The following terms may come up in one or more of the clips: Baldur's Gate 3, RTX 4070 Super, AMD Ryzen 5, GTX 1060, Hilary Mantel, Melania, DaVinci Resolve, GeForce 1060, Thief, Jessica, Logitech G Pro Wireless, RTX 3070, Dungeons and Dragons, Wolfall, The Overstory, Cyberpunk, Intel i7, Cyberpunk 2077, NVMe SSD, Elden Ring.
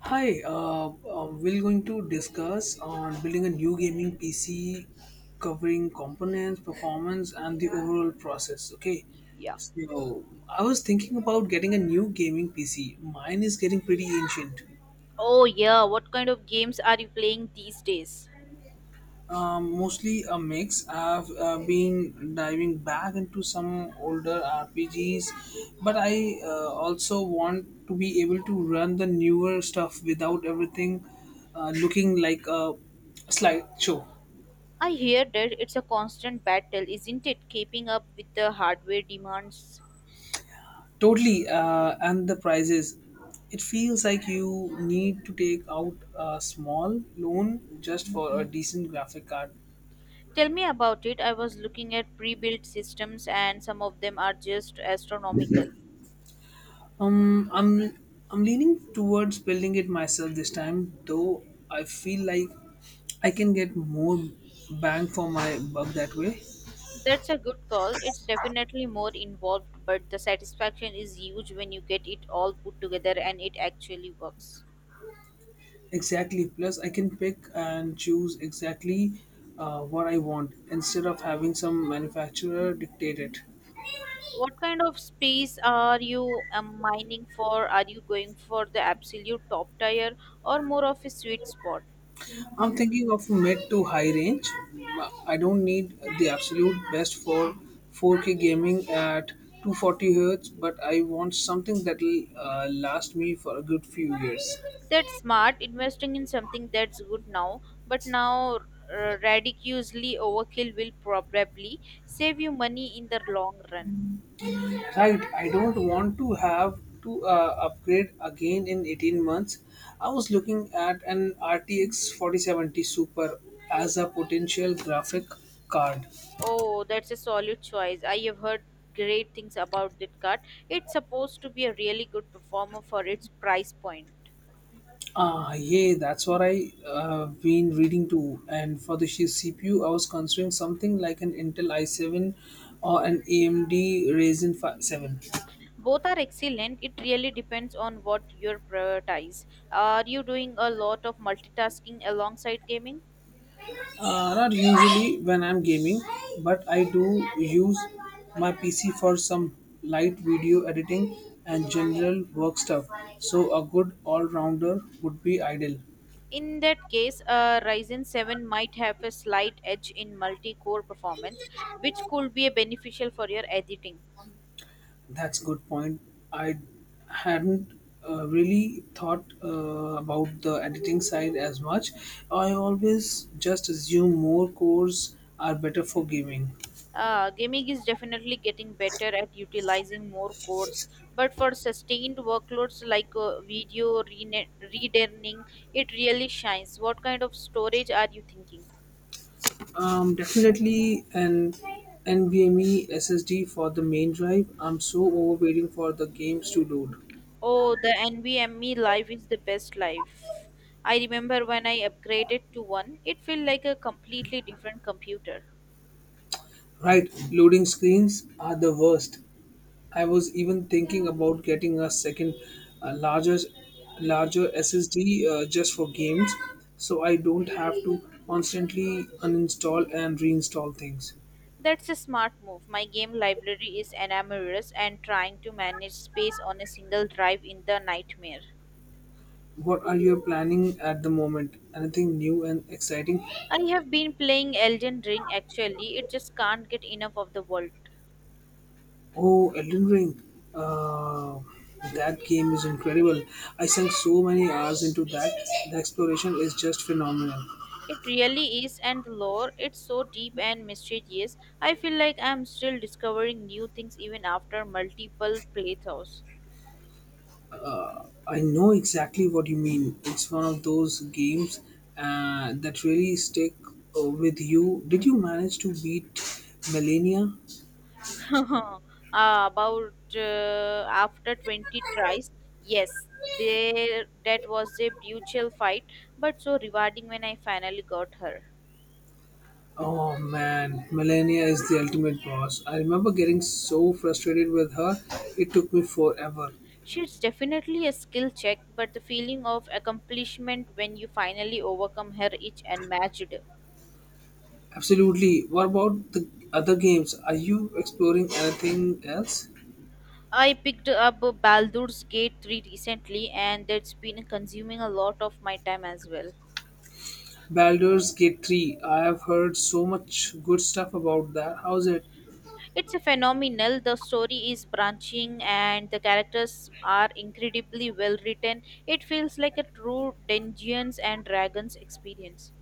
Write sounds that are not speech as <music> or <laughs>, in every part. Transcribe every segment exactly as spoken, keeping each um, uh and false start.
Hi, uh, uh, we're going to discuss on building a new gaming P C, covering components, performance, and the overall process. Okay, Yeah. so I was thinking about getting a new gaming P C. Mine is getting pretty ancient. Oh, yeah. What kind of games are you playing these days? Um, mostly a mix. I've uh, been diving back into some older R P Gs, but I uh, also want to be able to run the newer stuff without everything uh, looking like a slideshow. I hear that it's a constant battle, isn't it? Keeping up with the hardware demands. Totally, uh, and the prices. It feels like you need to take out a small loan just for a decent graphic card. Tell me about it. I was looking at pre built systems, and some of them are just astronomical. Um, I'm I'm leaning towards building it myself this time, though I feel like I can get more bang for my buck that way. That's a good call. It's definitely more involved, but the satisfaction is huge when you get it all put together and it actually works. Exactly. Plus, I can pick and choose exactly uh, what I want instead of having some manufacturer dictate it. What kind of space are you um, mining for? Are you going for the absolute top tier or more of a sweet spot? I'm thinking of a mid to high range. I don't need the absolute best for four K gaming at two forty Hz, but I want something that'll uh, last me for a good few years. That's smart, investing in something that's good now, but now uh, ridiculously overkill will probably save you money in the long run. Right, I don't want to have to uh, upgrade again in eighteen months. I was looking at an R T X forty seventy Super as a potential graphic card. Oh, that's a solid choice. I have heard great things about that card. It's supposed to be a really good performer for its price point. Ah, yeah, that's what I uh, been reading too. And for the sh- C P U, I was considering something like an Intel i seven or an A M D Ryzen five, seven. Both are excellent. It really depends on what you prioritize. Are you doing a lot of multitasking alongside gaming? Uh, not usually when I'm gaming, but I do use my P C for some light video editing and general work stuff. So a good all-rounder would be ideal. In that case, uh, Ryzen seven might have a slight edge in multi core performance, which could be beneficial for your editing. That's good point. I hadn't uh, really thought uh, about the editing side as much. I always just assume more cores are better for gaming. Uh, gaming is definitely getting better at utilizing more cores, but for sustained workloads like uh, video rene- redendering, it really shines. What kind of storage are you thinking? Um, definitely an NVMe S S D for the main drive. I'm so over waiting for the games to load. Oh, the NVMe life is the best life. I remember when I upgraded to one, it felt like a completely different computer. Right, loading screens are the worst. I was even thinking about getting a second uh, larger larger S S D uh, just for games so I don't have to constantly uninstall and reinstall things. That's a smart move. My game library is enormous and trying to manage space on a single drive in the nightmare. What are you planning at the moment? Anything new and exciting? I have been playing Elden Ring actually. It just can't get enough of the world. Oh, Elden Ring. Uh, that game is incredible. I sunk so many hours into that. The exploration is just phenomenal. It really is, and the lore, it's so deep and mysterious. I feel like I'm still discovering new things even after multiple playthroughs. I know exactly what you mean. It's one of those games uh, that really stick uh, with you. Did you manage to beat Melania? <laughs> Uh, about uh, after twenty tries, yes, there, that was a brutal fight, but so rewarding when I finally got her. Oh man, Melania is the ultimate boss. I remember getting so frustrated with her, it took me forever. She's definitely a skill check, but the feeling of accomplishment when you finally overcome her is unmatched. Absolutely. What about the other games? Are you exploring anything else? I picked up Baldur's Gate three recently, and that's been consuming a lot of my time as well. Baldur's Gate three. I have heard so much good stuff about that. How's it? It's a phenomenal. The story is branching and the characters are incredibly well written. It feels like a true Dungeons and Dragons experience.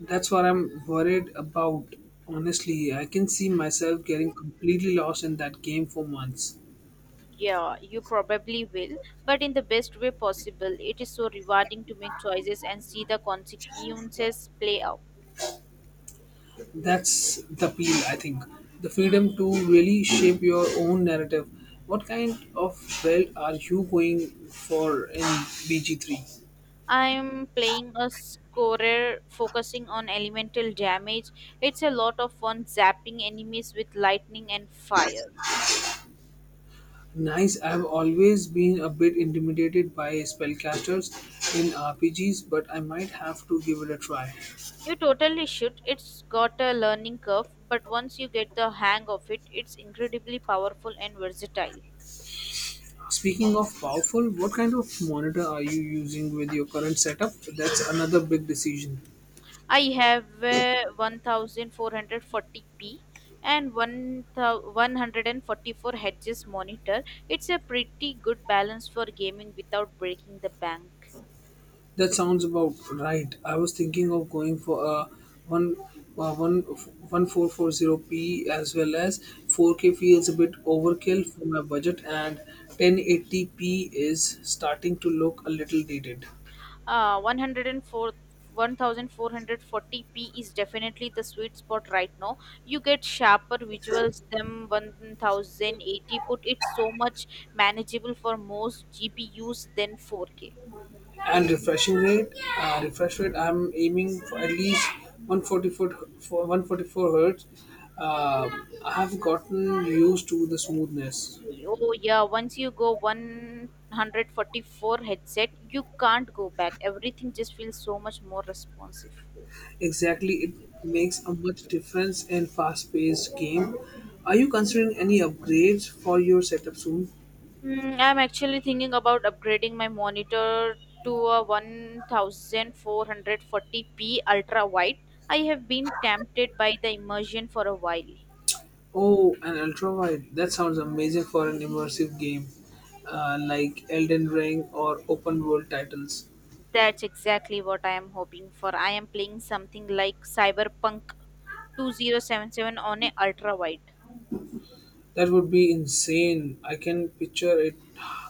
That's what I'm worried about. Honestly, I can see myself getting completely lost in that game for months. Yeah, you probably will, but in the best way possible. It is so rewarding to make choices and see the consequences play out. That's the appeal, I think. The freedom to really shape your own narrative. What kind of belt are you going for in B G three? I'm playing a scorer focusing on elemental damage. It's a lot of fun zapping enemies with lightning and fire. Nice, I've always been a bit intimidated by spellcasters in R P Gs, but I might have to give it a try. You totally should. It's got a learning curve, but once you get the hang of it, it's incredibly powerful and versatile. Speaking of powerful, what kind of monitor are you using with your current setup? That's another big decision. I have a fourteen forty p and one forty-four Hz monitor. It's a pretty good balance for gaming without breaking the bank. That sounds about right. I was thinking of going for a one uh, one one four four zero p, as well as four K feels a bit overkill for my budget, and ten eighty p is starting to look a little dated. Uh, one oh four fourteen forty p is definitely the sweet spot right now. You get sharper visuals than ten eighty put. It's so much manageable for most G P Us than four K. And refreshing rate uh, refresh rate, I'm aiming for at least one forty-four for one forty-four hertz. Um I have gotten used to the smoothness. Oh yeah, once you go one forty-four headset, you can't go back. Everything just feels so much more responsive. Exactly, it makes a much difference in fast paced game. Are you considering any upgrades for your setup soon? Mm, I'm actually thinking about upgrading my monitor to a fourteen forty p ultra wide. I have been tempted by the immersion for a while. Oh, an ultra wide, that sounds amazing for an immersive game uh, like Elden Ring or open world titles. That's exactly what I am hoping for. I am playing something like Cyberpunk twenty seventy-seven on a ultra wide. That would be insane. I can picture it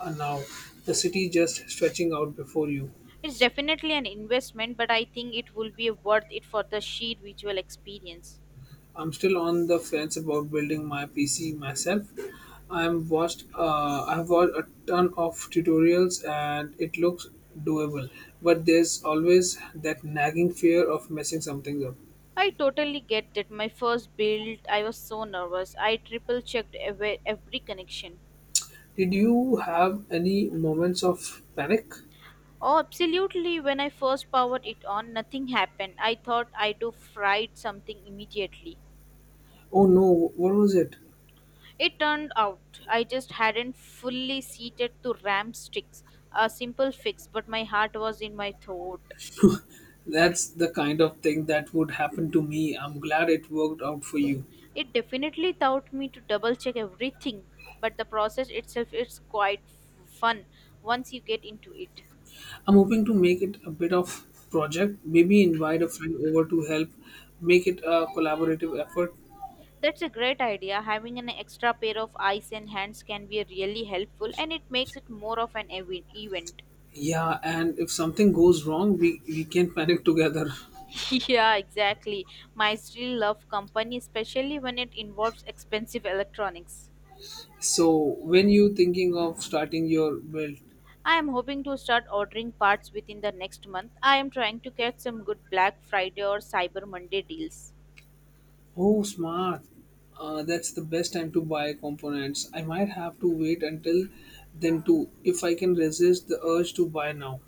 uh, now. The city just stretching out before you. It's definitely an investment, but I think it will be worth it for the sheer visual experience. I'm still on the fence about building my P C myself. I'm watched. Uh, I've watched a ton of tutorials, and it looks doable. But there's always that nagging fear of messing something up. I totally get that. My first build, I was so nervous. I triple checked every, every connection. Did you have any moments of panic? Oh, absolutely. When I first powered it on, nothing happened. I thought I'd do fried something immediately. Oh no! What was it? It turned out I just hadn't fully seated to RAM sticks. A simple fix, but my heart was in my throat. <laughs> That's the kind of thing that would happen to me. I'm glad it worked out for you. It definitely taught me to double check everything, but the process itself is quite f- fun once you get into it. I'm hoping to make it a bit of project, maybe invite a friend over to help make it a collaborative effort. That's a great idea. Having an extra pair of eyes and hands can be really helpful and it makes it more of an ev- event. Yeah, and if something goes wrong, we, we can panic together. <laughs> Yeah, exactly. My still love company, especially when it involves expensive electronics. So when you thinking of starting your build, I am hoping to start ordering parts within the next month. I am trying to get some good Black Friday or Cyber Monday deals. oh smart, uh, that's the best time to buy components. I might have to wait until then too if I can resist the urge to buy now.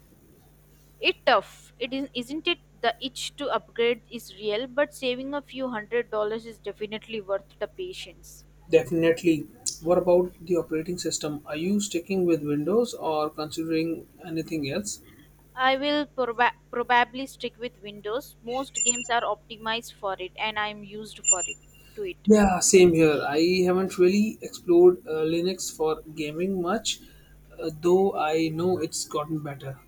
It tough. It is, isn't it? The itch to upgrade is real, but saving a few hundred dollars is definitely worth the patience. Definitely. What about the operating system? Are you sticking with Windows or considering anything else? I will proba- probably stick with Windows. Most games are optimized for it and I am used for it to it. Yeah, same here. I haven't really explored uh, Linux for gaming much, uh, though I know it's gotten better.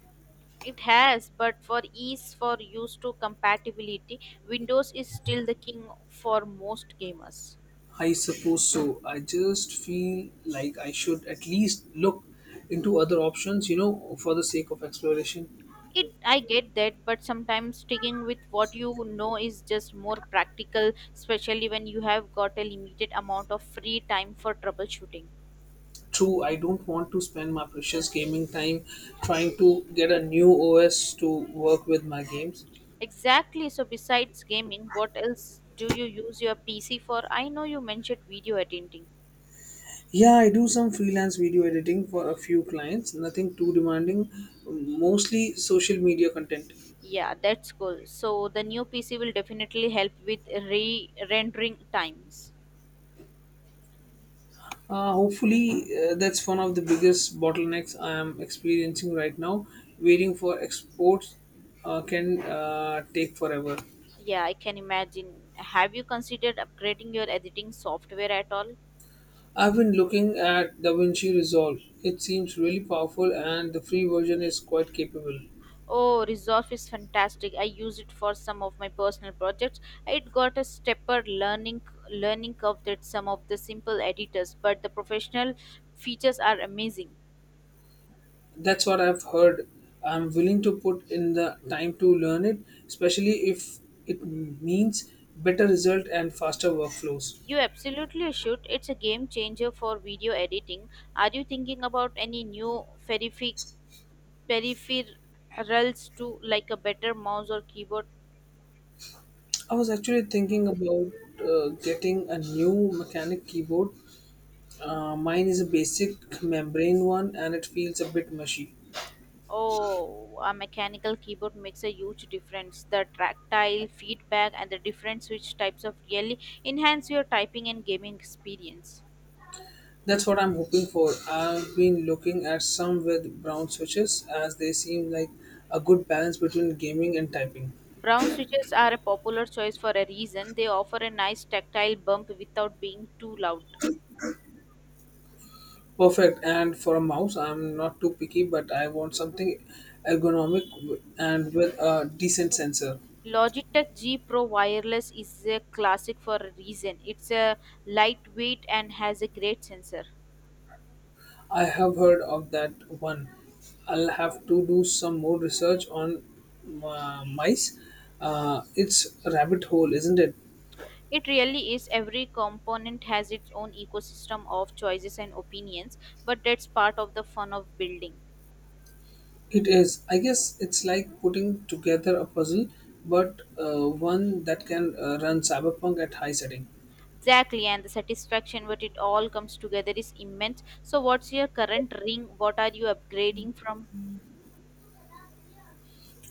It has, but for ease for use to compatibility, Windows is still the king for most gamers. I suppose so. I just feel like I should at least look into other options, you know, for the sake of exploration. It I get that, but sometimes sticking with what you know is just more practical, especially when you have got a limited amount of free time for troubleshooting. True, I don't want to spend my precious gaming time trying to get a new O S to work with my games. Exactly. So besides gaming, what else do you use your P C for? I know you mentioned video editing. Yeah, I do some freelance video editing for a few clients, nothing too demanding, mostly social media content. Yeah, that's cool. So the new P C will definitely help with re rendering times. Uh, hopefully, uh, that's one of the biggest bottlenecks I am experiencing right now. Waiting for exports uh, can uh, take forever. Yeah, I can imagine. Have you considered upgrading your editing software at all? I've been looking at DaVinci Resolve. It seems really powerful, and the free version is quite capable. Oh, Resolve is fantastic. I use it for some of my personal projects. It got a stepper learning learning curve that some of the simple editors, but the professional features are amazing. That's what I've heard. I'm willing to put in the time to learn it, especially if it means better result and faster workflows. You absolutely should. It's a game changer for video editing. Are you thinking about any new peripheral peripherals to like a better mouse or keyboard? I was actually thinking about uh, getting a new mechanic keyboard. Uh, mine is a basic membrane one and it feels a bit mushy. Oh, a mechanical keyboard makes a huge difference. The tactile feedback and the different switch types of really enhance your typing and gaming experience. That's what I'm hoping for. I've been looking at some with brown switches as they seem like a good balance between gaming and typing. Brown switches are a popular choice for a reason. They offer a nice tactile bump without being too loud. Perfect. And for a mouse, I'm not too picky, but I want something ergonomic w- and with a decent sensor. Logitech G Pro Wireless is a classic for a reason. It's a lightweight and has a great sensor. I have heard of that one. I'll have to do some more research on uh, mice. Uh, it's a rabbit hole, isn't it? It really is. Every component has its own ecosystem of choices and opinions, but that's part of the fun of building. It is. I guess it's like putting together a puzzle, but uh, one that can uh, run Cyberpunk at high setting. Exactly, and the satisfaction when it all comes together is immense. So, what's your current ring? What are you upgrading from?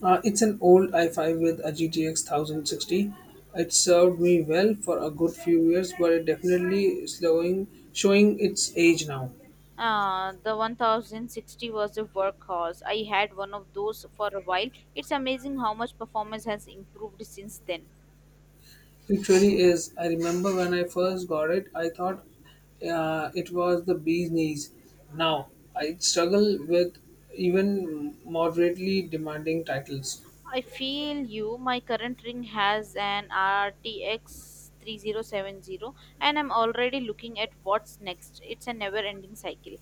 Uh, it's an old i five with a G T X one thousand sixty. It served me well for a good few years, but it definitely slowing showing its age now. Uh, the ten sixty was a workhorse. I had one of those for a while. It's amazing how much performance has improved since then. It really is. I remember when I first got it, I thought uh, it was the bee's knees. Now I struggle with even moderately demanding titles. I feel you. My current ring has an R T X three thousand seventy and I'm already looking at what's next. It's a never ending cycle.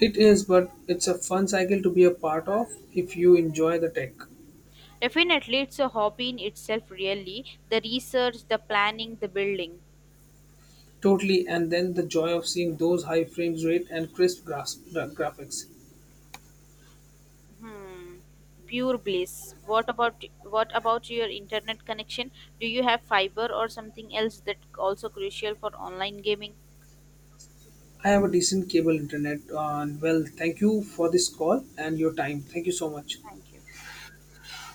It is, but it's a fun cycle to be a part of if you enjoy the tech. Definitely, it's a hobby in itself, really. The research, the planning, the building. Totally, and then the joy of seeing those high frames rate and crisp graph- gra- graphics. Hmm. Pure bliss. What about what about your internet connection? Do you have fiber or something else that also crucial for online gaming? I have a decent cable internet, uh, and well, thank you for this call and your time. Thank you so much. Thank you.